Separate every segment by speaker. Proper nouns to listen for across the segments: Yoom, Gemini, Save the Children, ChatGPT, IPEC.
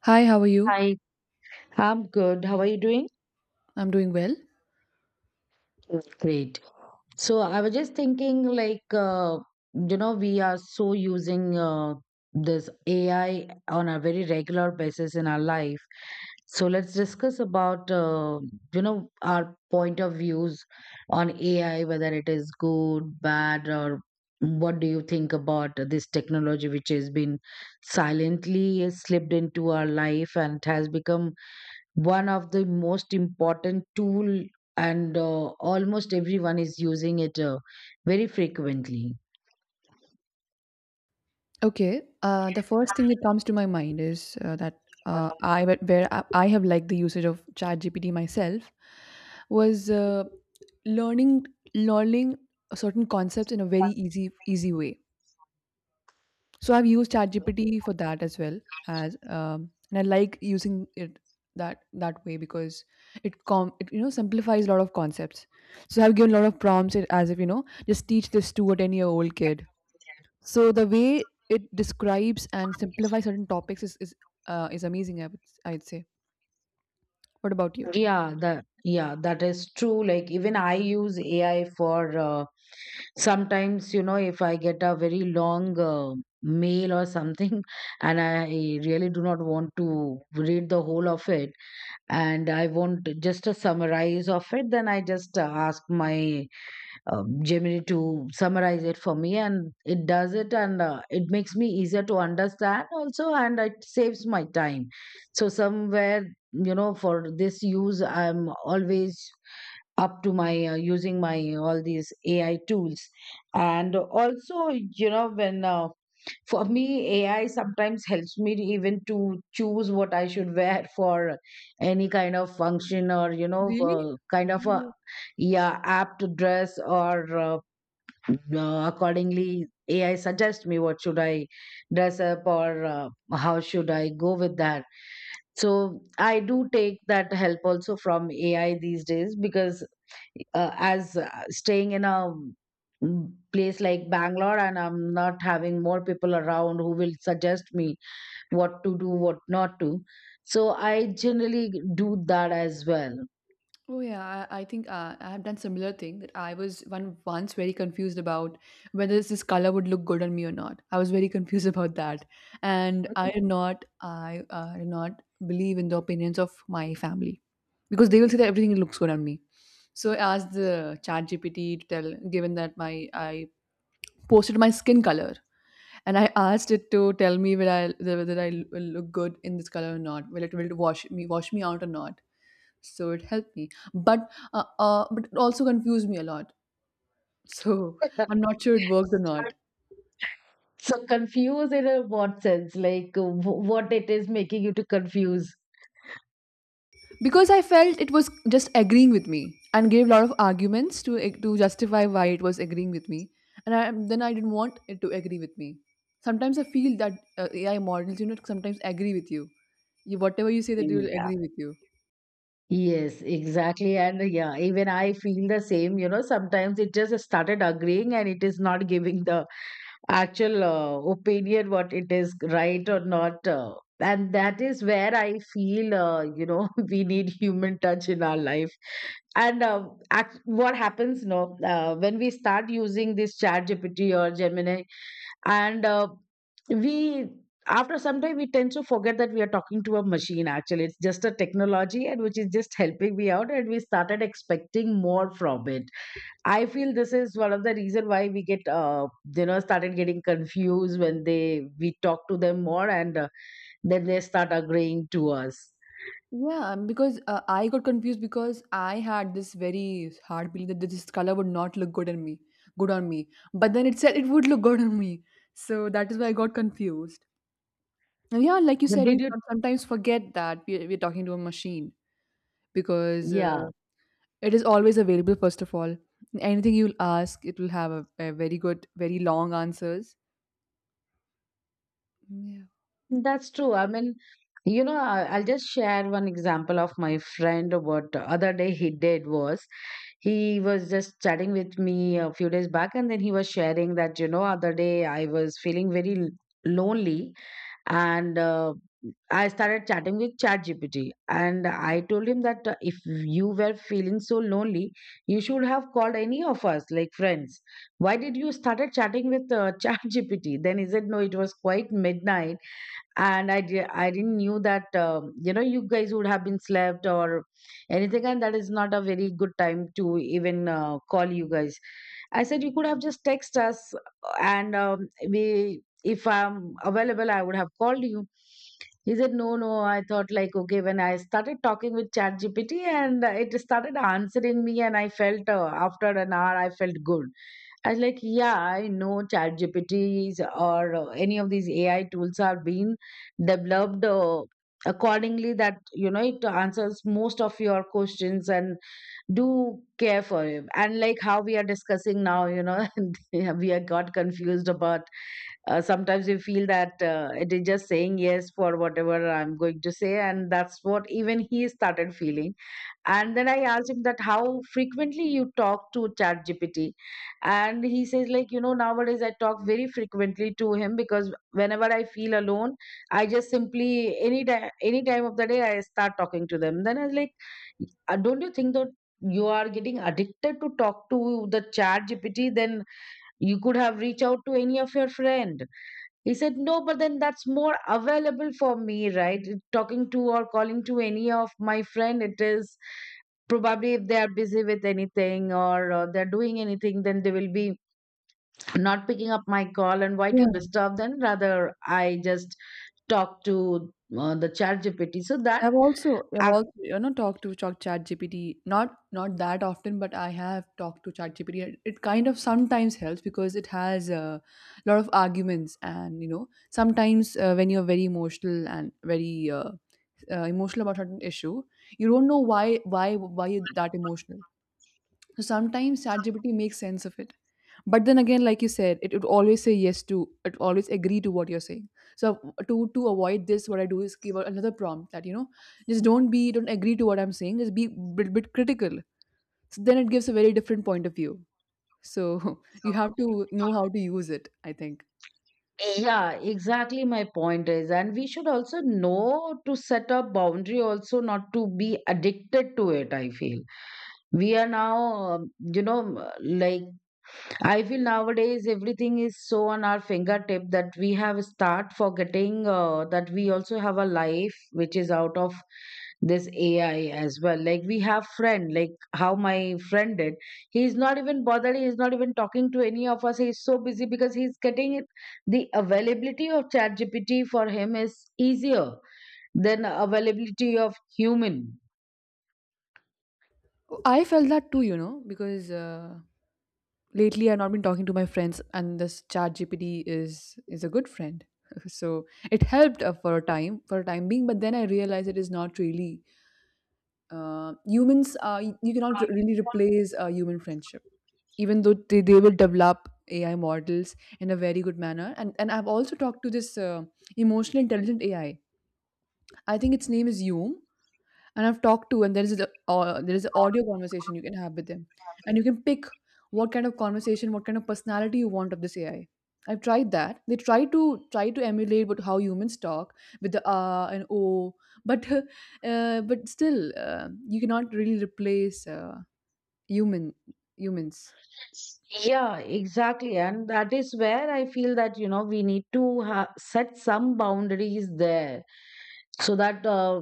Speaker 1: Hi, how are you?
Speaker 2: Hi, I'm good. How are you doing?
Speaker 1: I'm doing well.
Speaker 2: Great. So I was just thinking, we are so using this AI on a very regular basis in our life. So let's discuss about, our point of views on AI, whether it is good, bad, or what do you think about this technology which has been silently slipped into our life and has become one of the most important tool and almost everyone is using it very frequently.
Speaker 1: Okay, the first thing that comes to my mind is that I where I have liked the usage of ChatGPT myself was learning learning certain concepts in a very easy way. So I've used ChatGPT for that as well as And I like using it that way because it simplifies a lot of concepts. So I've given a lot of prompts it- as if you know just teach this to a 10 year old kid. So the way it describes and simplifies certain topics is amazing. I'd say. What about you?
Speaker 2: Yeah, that is true, like even I use AI for sometimes, you know, if I get a very long mail or something and I really do not want to read the whole of it, and I want just a summarize of it. Then I just ask my Gemini to summarize it for me, and it does it, and it makes me easier to understand also, and it saves my time. So somewhere, you know, for this use, I'm always up to my using my all these AI tools, and also, you know, when for me, AI sometimes helps me to even to choose what I should wear for any kind of function, or, you know,
Speaker 1: Really?
Speaker 2: kind
Speaker 1: How
Speaker 2: of
Speaker 1: do
Speaker 2: a
Speaker 1: you-
Speaker 2: yeah, apt dress or accordingly AI suggests me what should I dress up or how should I go with that. So I do take that help also from AI these days because as staying in a place like Bangalore, and I'm not having more people around who will suggest me what to do, what not to. So I generally do that as well.
Speaker 1: Oh yeah, I think I have done similar thing that I was one once very confused about whether this color would look good on me or not. I was very confused about that, and I
Speaker 2: Mhm.
Speaker 1: did not I uh, did not believe in the opinions of my family because they will say that everything looks good on me. So I asked the Chat GPT to tell, given that my I posted my skin color, and I asked it to tell me whether I will look good in this color or not, whether it will wash me out or not. So it helped me, but but it also confused me a lot. So I'm not sure it worked or not,
Speaker 2: So confuse in a what sense? Like what it is making you to confuse.
Speaker 1: because I felt it was just agreeing with me and gave a lot of arguments to to justify why it was agreeing with me. Then I didn't want it to agree with me. Sometimes I feel that AI models, you know, sometimes agree with you. Whatever you say, that they will
Speaker 2: Yeah.
Speaker 1: agree with you.
Speaker 2: Yes, exactly. And yeah, even I feel the same. You know, sometimes it just started agreeing, and it is not giving the actual opinion what it is right or not. And that is where I feel, we need human touch in our life. And uh, what happens, no, when we start using this chat GPT or Gemini, and we after some time we tend to forget that we are talking to a machine. Actually it's just a technology, and which is just helping me out, and we started expecting more from it. I feel this is one of the reason why we get started getting confused when they we talk to them more, and then they start agreeing to us.
Speaker 1: Yeah, because I got confused because I had this very hard belief that this color would not look good on me. But then it said it would look good on me, so that is why I got confused. And yeah, like you
Speaker 2: But
Speaker 1: said,
Speaker 2: did
Speaker 1: we
Speaker 2: you
Speaker 1: can sometimes forget that we're talking to a machine because
Speaker 2: yeah.
Speaker 1: it is always available. First of all, anything you'll ask, it will have a very good, very long answers. Yeah.
Speaker 2: That's true. I mean, you know, I'll just share one example of my friend. What the other day he did was he was just chatting with me a few days back, and then he was sharing that, you know, other day I was feeling very lonely, and I started chatting with ChatGPT. And I told him that if you were feeling so lonely, you should have called any of us, like friends. Why did you started chatting with ChatGPT? Then he said, no, it was quite midnight, and I didn't knew that you know, you guys would have been slept or anything, and that is not a very good time to even call you guys. I said you could have just text us, and we if I'm available I would have called you. He said, no, no, I thought like, okay, when I started talking with ChatGPT, and it started answering me, and I felt after an hour I felt good. I was like, yeah, I know ChatGPTs or any of these AI tools are being developed accordingly that, you know, it answers most of your questions and do care for it. And like how we are discussing now, you know, we are got confused about. Sometimes we feel that it is just saying yes for whatever I'm going to say, and that's what even he started feeling. And then I asked him that how frequently you talk to chat gpt. And he says, like, you know, nowadays I talk very frequently to him because whenever I feel alone, I just simply any time of the day I start talking to them. Then I was like, don't you think that you are getting addicted to talk to the chat gpt? Then you could have reached out to any of your friend. He said, no, but then that's more available for me, right? Talking to or calling to any of my friend, it is probably if they are busy with anything, or they're doing anything, then they will be not picking up my call. And why to disturb them? Rather, I just talk to the chat GPT. So that,
Speaker 1: I've
Speaker 2: ac-
Speaker 1: also, you know, talked to ChatGPT, not that often, but I have talked to ChatGPT. It kind of sometimes helps because it has a lot of arguments, and you know sometimes when you're very emotional and very emotional about certain issue, you don't know why you're that emotional. So sometimes ChatGPT makes sense of it. But then again, like you said, it would always say yes to, it always agree to what you're saying. So to avoid this, what I do is give out another prompt that, you know, just don't be, don't agree to what I'm saying. Just be bit critical. So then it gives a very different point of view. So you have to know how to use it, I think.
Speaker 2: yeah, exactly my point is. And we should also know to set a boundary, also not to be addicted to it, I feel. We are now um, you know m- like I feel nowadays everything is so on our fingertip that we have start forgetting that we also have a life which is out of this ai as well. Like we have friend, like how my friend did, he is not even bothered, he is not even talking to any of us, he is so busy because he's getting it. The availability of ChatGPT for him is easier than availability of human.
Speaker 1: I felt that too, you know, because lately I've not been talking to my friends, and this Chat GPT is a good friend. So it helped for a time being. But then I realized it is not really. Humans, you cannot really replace human friendship, even though they will develop AI models in a very good manner. And I've also talked to this emotional intelligent AI. I think its name is Yoom, and I've talked to, and there is a there is an audio conversation you can have with them, and you can pick what kind of conversation, what kind of personality you want of this AI. I've tried that. They try to emulate what how humans talk, with the ah and oh, but but still you cannot really replace human humans.
Speaker 2: Yeah, exactly. And that is where I feel that, you know, we need to set some boundaries there so that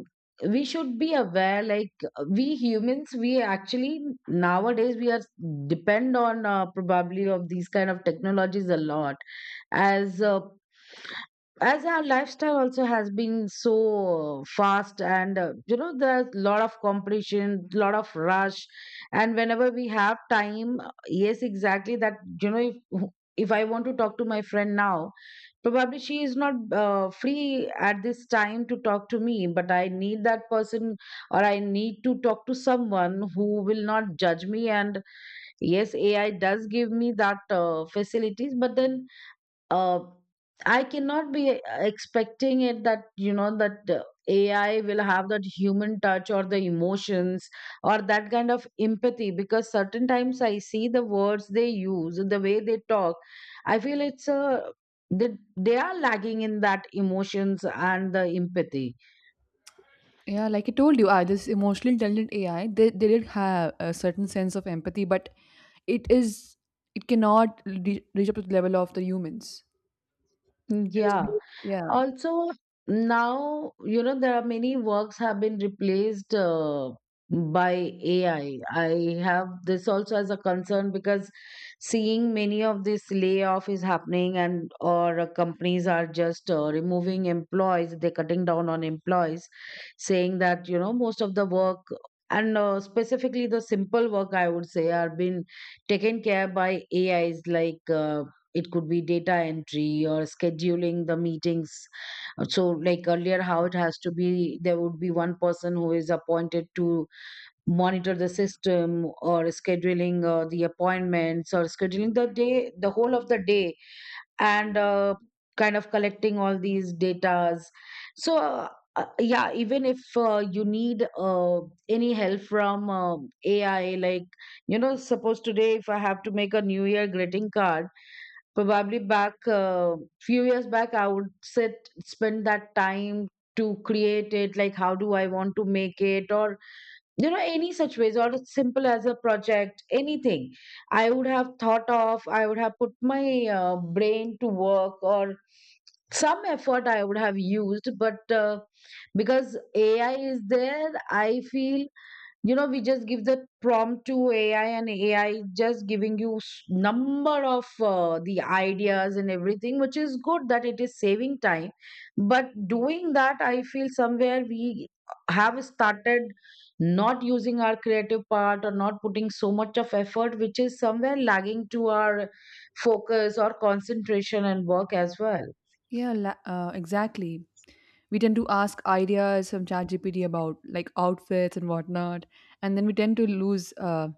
Speaker 2: we should be aware. Like, we humans, we actually nowadays we are depend on probably of these kind of technologies a lot as uh, as our lifestyle also has been so fast, and you know, there's a lot of competition, lot of rush. And whenever we have time, yes, exactly that, you know, if I want to talk to my friend now, probably she is not free at this time to talk to me, but I need that person, or I need to talk to someone who will not judge me. And yes, AI does give me that facilities, but then uh, I cannot be expecting it that, you know, that AI will have that human touch or the emotions or that kind of empathy. Because certain times I see the words they use, the way they talk, I feel it's a they, they are lagging in that emotions and the empathy.
Speaker 1: Yeah, like I told you, I this emotionally intelligent AI, they did have a certain sense of empathy, but it is, it cannot reach up to the level of the humans. It is
Speaker 2: Yeah.
Speaker 1: be- yeah,
Speaker 2: Also, now, you know, there are many works have been replaced by AI. I have this also as a concern because seeing many of this layoff is happening, and or companies are just removing employees, they're cutting down on employees, saying that, you know, most of the work, and specifically the simple work, I would say, are being taken care by A is like it could be data entry or scheduling the meetings. So like earlier how it has to be, there would be one person who is appointed to monitor the system or scheduling the appointments or scheduling the day, the whole of the day and kind of collecting all these datas. so uh, uh, yeah, even if you need any help from ai, like, you know, suppose today if I have to make a new year greeting card, probably back a few years back I would sit spend that time to create it, like how do I want to make it, or, you know, any such ways, or as simple as a project, anything I would have thought of, I would have put my brain to work, or some effort I would have used. But Because ai is there, I feel, you know, we just give the prompt to ai, and ai just giving you number of the ideas and everything, which is good that it is saving time. But doing that, I feel somewhere we have started not using our creative part or not putting so much of effort, which is somewhere lagging to our focus or concentration and work as well.
Speaker 1: exactly. We tend to ask ideas from ChatGPT about like outfits and whatnot, and then we tend to lose uh,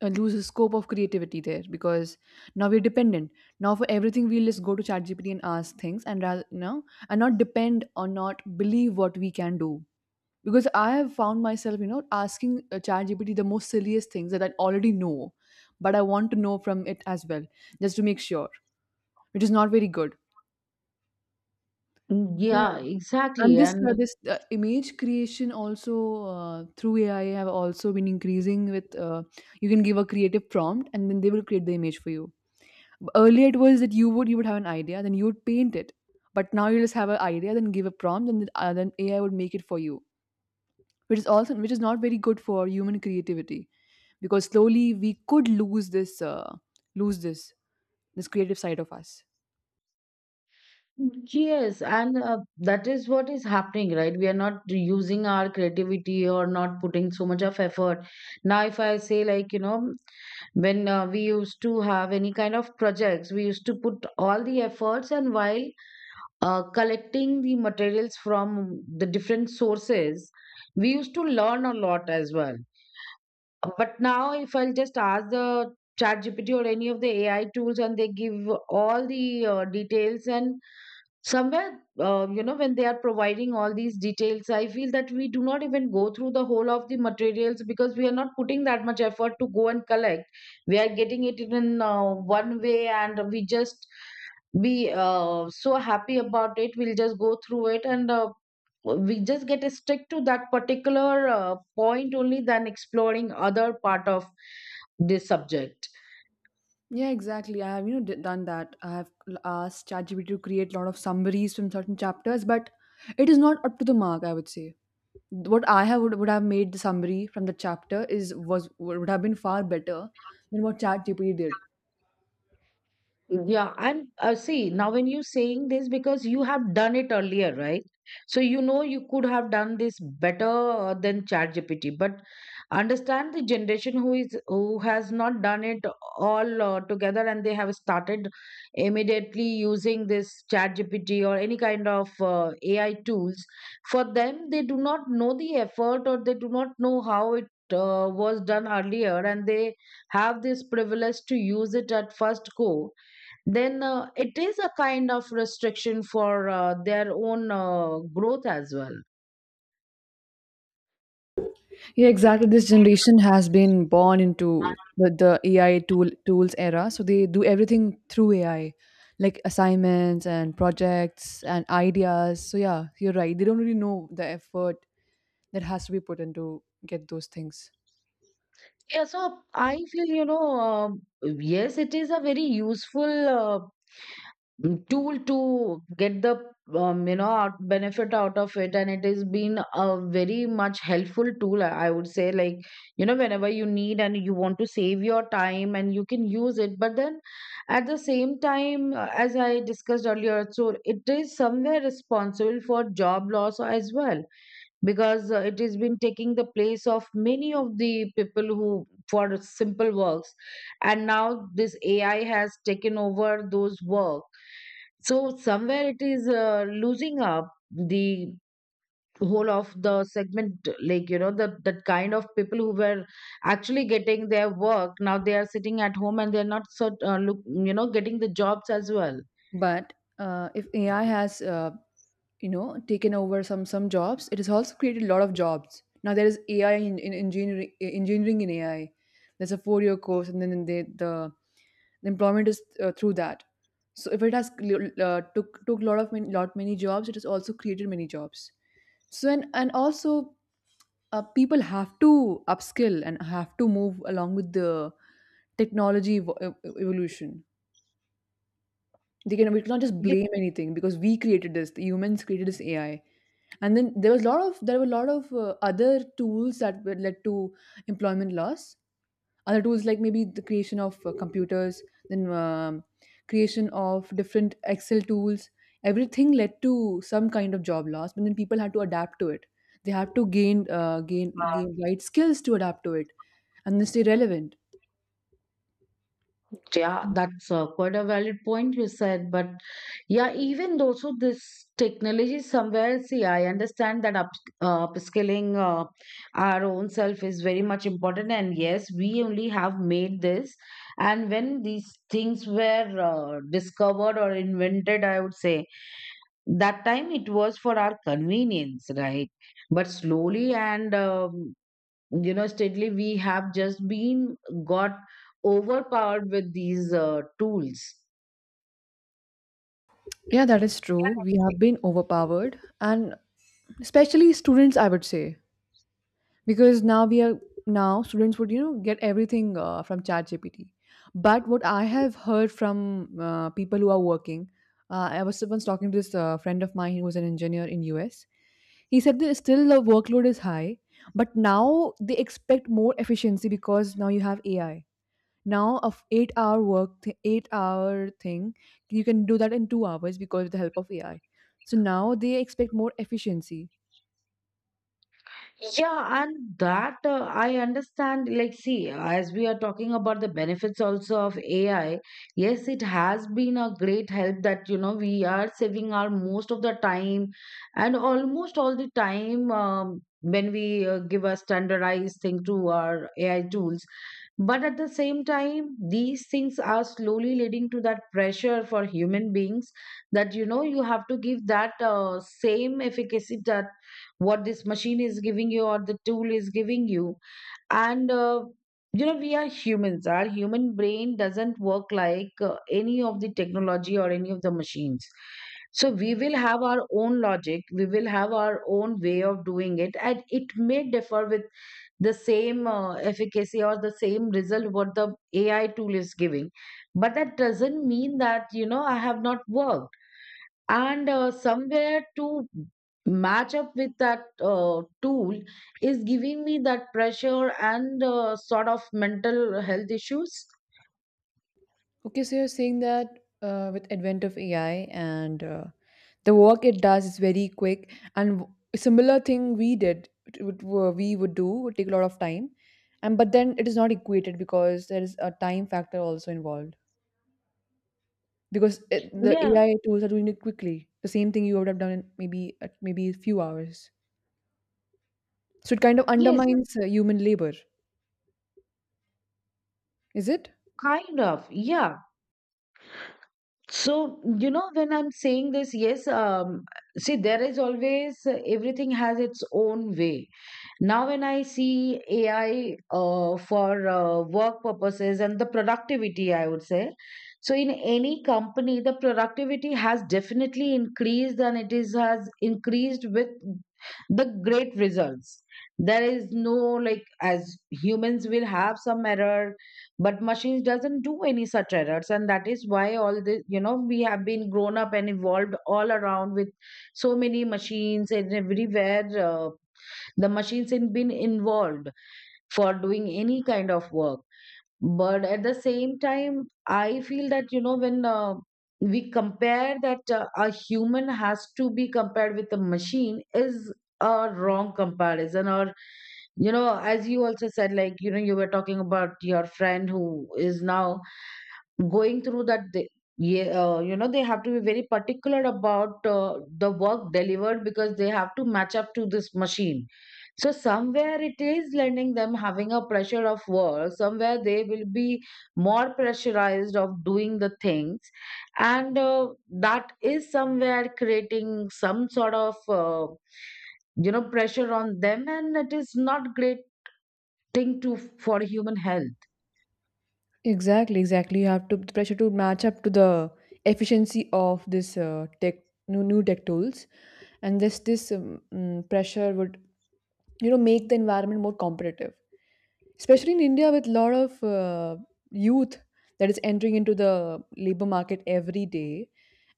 Speaker 1: uh, lose the scope of creativity there because now we're dependent. Now for everything we'll just go to ChatGPT and ask things, and rather, you know, and not depend or not believe what we can do, because I have found myself, you know, asking ChatGPT the most silliest things that I already know, but I want to know from it as well, just to make sure, which is not very good.
Speaker 2: Mm, yeah,
Speaker 1: Yeah,
Speaker 2: exactly.
Speaker 1: and this
Speaker 2: And
Speaker 1: image creation also through AI have also been increasing with you can give a creative prompt and then they will create the image for you. Earlier it was that you would have an idea then you would paint it, but now you just have an idea then give a prompt and then AI would make it for you, which is also which is not very good for human creativity, because slowly we could lose this creative side of us.
Speaker 2: yes, and that is what is happening, right? We are not using our creativity or not putting so much of effort. Now, if I say, like, you know, when we used to have any kind of projects, we used to put all the efforts, and while collecting the materials from the different sources, we used to learn a lot as well. But now, if I'll just ask the Chat GPT or any of the AI tools, and they give all the details and somewhere when they are providing all these details, I feel that we do not even go through the whole of the materials because we are not putting that much effort to go and collect. We are getting it in one way, and we just be so happy about it. We'll just go through it, and we just get stick to that particular point only than exploring other part of this subject.
Speaker 1: Yeah, exactly. I have, you know, done that. I have asked ChatGPT to create a lot of summaries from certain chapters, but it is not up to the mark, I would say. What I have would have made the summary from the chapter is was would have been far better than what ChatGPT did.
Speaker 2: Yeah, and see, now when you're saying this, because you have done it earlier, right? So you know you could have done this better than ChatGPT, but understand the generation who has not done it all together, and they have started immediately using this ChatGPT or any kind of AI tools. For them, they do not know the effort, or they do not know how it was done earlier, and they have this privilege to use it at first go. Then it is a kind of restriction for their own growth as well.
Speaker 1: Yeah, exactly. This generation has been born into the AI tools era, so they do everything through AI, like assignments and projects and ideas. So yeah, you're right. They don't really know the effort that has to be put into get those things.
Speaker 2: Yeah, so I feel, yes, it is a very useful tool to get the out- benefit out of it, and it has been a very much helpful tool. I would say, like, you know, whenever you need and you want to save your time, and you can use it. But then at the same time, as I discussed earlier, so it is somewhere responsible for job loss as well, because it has been taking the place of many of the people who for simple works, and now this AI has taken over those work. So somewhere it is losing up the whole of the segment, like, you know, the that kind of people who were actually getting their work, now they are sitting at home, and they're not sort look, you know, getting the jobs as well.
Speaker 1: But if AI has you know taken over some jobs, it has also created a lot of jobs. Now there is AI in engineering in AI. There's a 4 year course, and then the employment is through that. So if it has took lot many jobs, it has also created many jobs. So and also people have to upskill and have to move along with the technology evolution. They can We cannot just blame anything because we created this. The humans created this AI, and then there were a lot of other tools that were led to employment loss, other tools like maybe the creation of computers, then creation of different Excel tools. Everything led to some kind of job loss, but then people had to adapt to it. They had to gain gain right skills to adapt to it and then stay relevant.
Speaker 2: Yeah, that's quite a valid point you said. But yeah, even though, so this technology somewhere, see, I understand that upskilling our own self is very much important. And yes, we only have made this. And when these things were discovered or invented, I would say that time it was for our convenience, right? But slowly and you know, steadily, we have just been got overpowered with these tools.
Speaker 1: Yeah, that is true, we have been overpowered, and especially students I would say, because now we are now students would, you know, get everything from chat gpt but what I have heard from people who are working, I was once talking to this friend of mine who was an engineer in US. He said that still the workload is high, but now they expect more efficiency because now you have AI. Now of 8-hour thing, you can do that in 2 hours because of the help of AI. So now they expect more efficiency.
Speaker 2: Yeah, and that I understand. Like, see, as we are talking about the benefits also of AI, yes, it has been a great help that, you know, we are saving our most of the time, and almost all the time when we give a standardized thing to our AI tools. But at the same time, these things are slowly leading to that pressure for human beings that, you know, you have to give that same efficacy that what this machine is giving you or the tool is giving you. And you know, we are humans. Our human brain doesn't work like any of the technology or any of the machines. So we will have our own logic, we will have our own way of doing it, and it may differ with the same efficacy or the same result what the AI tool is giving. But that doesn't mean that, you know, I have not worked. And somewhere to match up with that tool is giving me that pressure and sort of mental health issues.
Speaker 1: Okay, so you're saying that with advent of AI and the work it does is very quick, and w- similar thing we did it would- were- we would do would take a lot of time, and but then it is not equated because there is a time factor also involved, because the
Speaker 2: Yeah.
Speaker 1: AI tools are doing it quickly, the same thing you would have done in maybe a few hours. So it kind of
Speaker 2: Yes.
Speaker 1: undermines human labor, is it?
Speaker 2: Kind of, yeah. So, you know, when I'm saying this, yes, see, there is always everything has its own way. Now, when I see AI for work purposes and the productivity, I would say, so in any company, the productivity has definitely increased, and it is has increased with the great results. There is no, like, as humans will have some error, but machines doesn't do any such errors, and that is why all this, you know, we have been grown up and evolved all around with so many machines and everywhere. The machines have been involved for doing any kind of work. But at the same time, I feel that, you know, when we compare that a human has to be compared with a machine is a wrong comparison. Or, you know, as you also said, like, you know, you were talking about your friend who is now going through that, they, yeah, you know, they have to be very particular about the work delivered because they have to match up to this machine. So somewhere it is lending them having a pressure of work. Somewhere they will be more pressurized of doing the things, and that is somewhere creating some sort of you know, pressure on them, and it is not great thing to for human health.
Speaker 1: Exactly, exactly. You have to the pressure to match up to the efficiency of this tech new tech tools, and this pressure would, you know, make the environment more competitive, especially in India with a lot of youth that is entering into the labor market every day,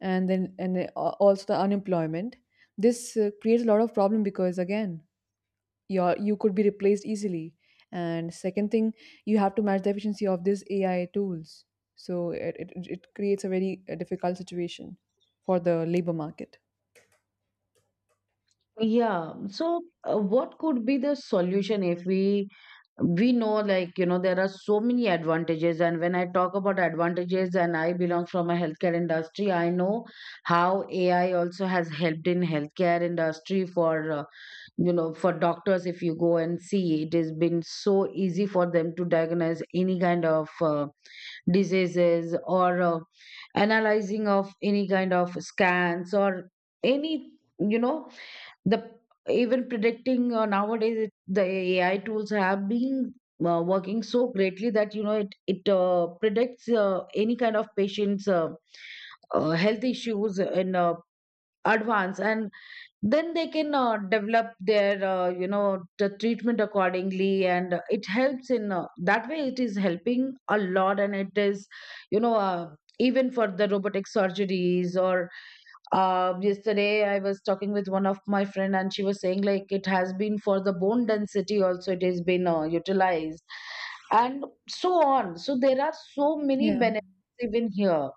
Speaker 1: and then and also the unemployment. This creates a lot of problem because, again, you could be replaced easily, and second thing, you have to match the efficiency of these AI tools. So it creates a very difficult situation for the labor market.
Speaker 2: Yeah. So, what could be the solution? If we, we know, like, you know, there are so many advantages. And when I talk about advantages, and I belong from a healthcare industry, I know how AI also has helped in healthcare industry for you know, for doctors. If you go and see, it has been so easy for them to diagnose any kind of diseases or analyzing of any kind of scans, or any, you know, the even predicting nowadays the AI tools have been working so greatly that, you know, it predicts any kind of patient's health issues in advance, and then they can develop their you know, the treatment accordingly. And it helps in that way. It is helping a lot, and it is, you know, even for the robotic surgeries. Or yesterday I was talking with one of my friend, and she was saying, like, it has been for the bone density also it has been utilized, and so on. So there are so many
Speaker 1: Yeah,
Speaker 2: benefits even here.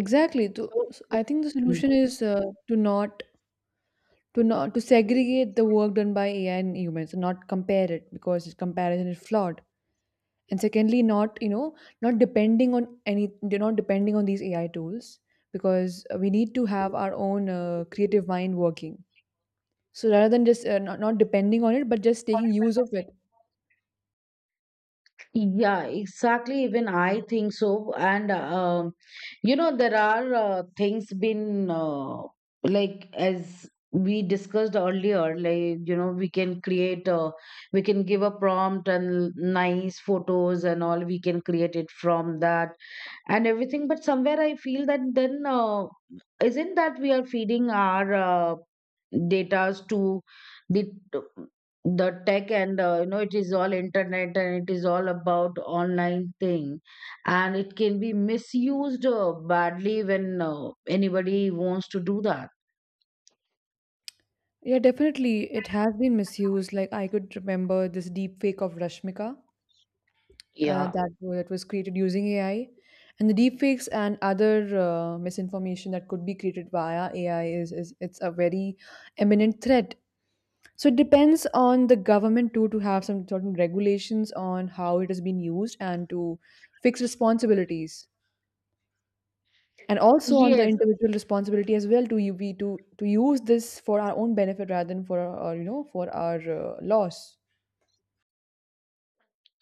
Speaker 1: exactly. to,
Speaker 2: So,
Speaker 1: so I think the
Speaker 2: mm.
Speaker 1: solution is to not to not to segregate the work done by AI and humans and not compare it because its comparison is flawed, and secondly, not, you know, not depending on any they're not depending on these AI tools, because we need to have our own creative mind working. So rather than just not depending on it, but just taking use of it.
Speaker 2: Yeah, exactly. Even I think so. And you know, there are things been like as we discussed earlier, like, you know, we can create a, we can give a prompt and nice photos and all. We can create it from that and everything. But somewhere I feel that then isn't that we are feeding our datas to the the tech. And you know, it is all internet, and it is all about online thing, and it can be misused badly when anybody wants to do that.
Speaker 1: Yeah, definitely. It has been misused. Like, I could remember this deep fake of Rashmika,
Speaker 2: Yeah.
Speaker 1: that was created using AI. And the deep fakes and other misinformation that could be created via AI is it's a very imminent threat. So it depends on the government too to have some certain regulations on how it has been used and to fix responsibilities, and also on the
Speaker 2: Yes.
Speaker 1: individual responsibility as well to you be to use this for our own benefit rather than for you know, for our loss.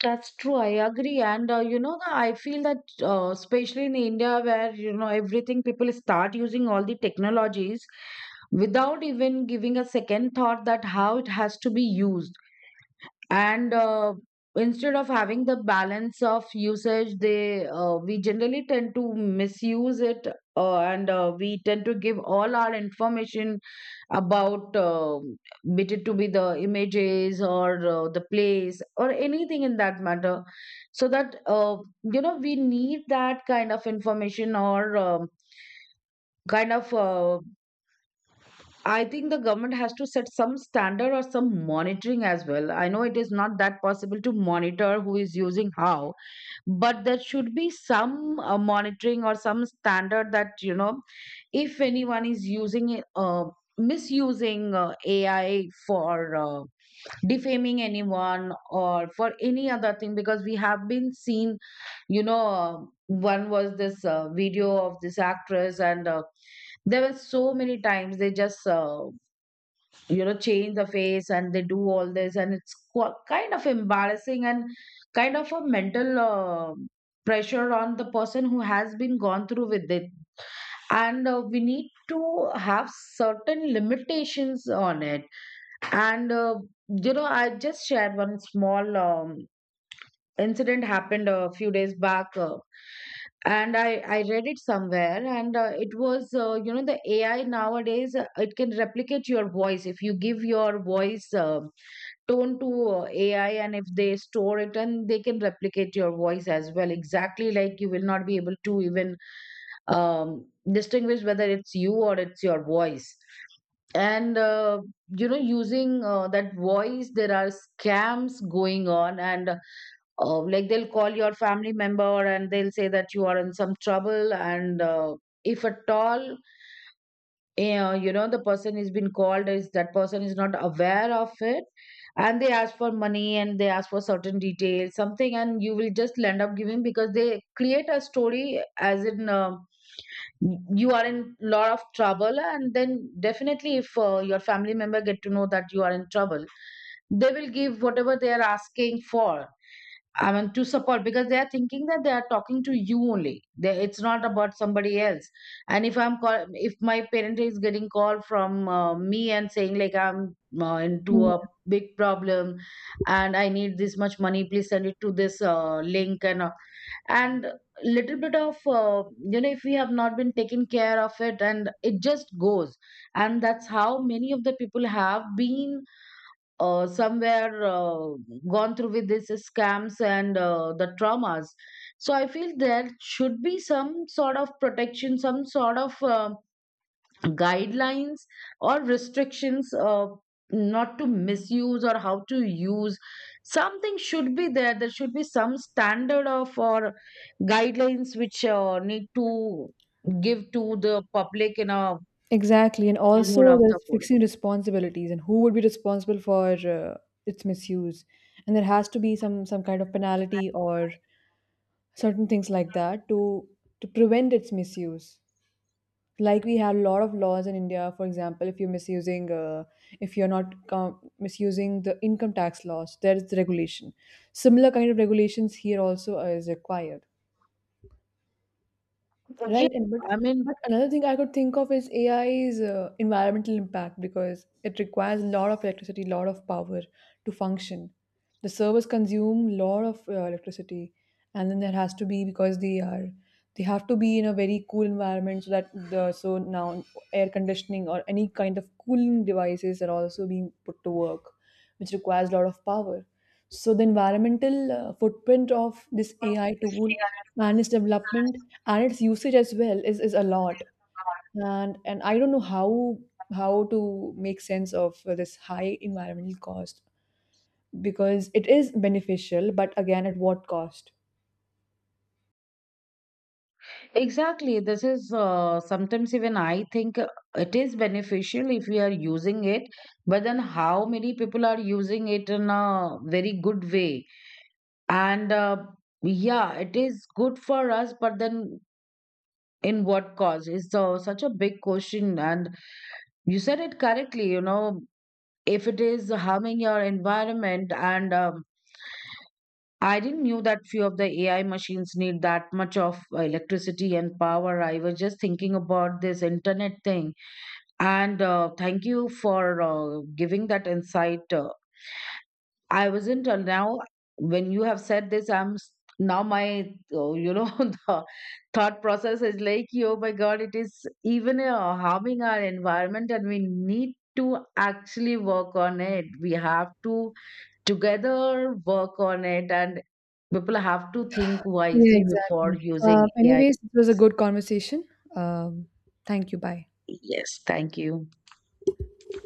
Speaker 2: That's true. I agree. And you know, I feel that especially in India, where, you know, everything, people start using all the technologies without even giving a second thought that how it has to be used. And instead of having the balance of usage, they we generally tend to misuse it, and we tend to give all our information about bit it to be the images or the place or anything in that matter. So that you know, we need that kind of information or kind of I think the government has to set some standard or some monitoring as well. I know it is not that possible to monitor who is using how, but there should be some monitoring or some standard that, you know, if anyone is using it, misusing AI for defaming anyone or for any other thing, because we have been seen, you know, one was this video of this actress. And there were so many times they just you know, change the face and they do all this, and it's qu- kind of embarrassing and kind of a mental pressure on the person who has been gone through with it. And we need to have certain limitations on it. And you know, I just shared one small incident happened a few days back. And I read it somewhere. And it was, you know, the AI nowadays, it can replicate your voice. If you give your voice tone to AI, and if they store it, and they can replicate your voice as well exactly like you will not be able to even um, distinguish whether it's you or it's your voice. And you know, using that voice, there are scams going on. And like, they'll call your family member, and they'll say that you are in some trouble. And if at all, yeah, you know, the person is been called, is that person is not aware of it, and they ask for money, and they ask for certain details, something, and you will just end up giving. Because they create a story as in, you are in lot of trouble. And then definitely if your family member get to know that you are in trouble, they will give whatever they are asking for. I mean, to support, because they are thinking that they are talking to you only. They, it's not about somebody else. And if I'm call, if my parent is getting call from me and saying like I'm into
Speaker 1: Mm,
Speaker 2: a big problem, and I need this much money, please send it to this link. And and little bit of you know, if we have not been taken care of it, and it just goes. And that's how many of the people have been somewhere gone through with these scams and the traumas. So I feel there should be some sort of protection, some sort of guidelines or restrictions, not to misuse or how to use. Something should be there. There should be some standard of or guidelines which need to give to the public in a
Speaker 1: exactly. And
Speaker 2: whole
Speaker 1: also
Speaker 2: of the
Speaker 1: there's
Speaker 2: forum.
Speaker 1: fixing responsibilities and who would be responsible for uh, its misuse, and there has to be some kind of penalty or certain things like that to prevent its misuse. Like, we have a lot of laws in India. For example, if you're misusing, if you're not com- misusing the income tax laws, there is the regulation. Similar kind of regulations here also is required.
Speaker 2: Yeah,
Speaker 1: Right, and
Speaker 2: I mean,
Speaker 1: but another thing I could think of is AI's environmental impact, because it requires a lot of electricity, a lot of power to function. The servers consume a lot of electricity, and then there has to be, because they have to be in a very cool environment so that the so now air conditioning or any kind of cooling devices are also being put to work, which requires a lot of power. So the environmental footprint of this AI tool and its development and its usage as well is a lot, and I don't know how to make sense of this high environmental cost, because it is beneficial, but again, at what cost?
Speaker 2: exactly, this is sometimes even I think it is beneficial if we are using it. But then how many people are using it in a very good way? And yeah, it is good for us, but then in what cause is, the such a big question. And you said it correctly, you know, if it is harming your environment. And I didn't knew that few of the AI machines need that much of electricity and power. I was just thinking about this internet thing. And thank you for giving that insight. I wasn't till now. When you have said this, I'm s- now my, you know the thought process is like, oh my God, it is even harming our environment, and we need to actually work on it. We have to together work on it, and people have to think
Speaker 1: Yeah,
Speaker 2: wisely before
Speaker 1: exactly.
Speaker 2: using AI.
Speaker 1: Anyways, it was a good conversation. um, Thank you. Bye.
Speaker 2: Yes, thank you.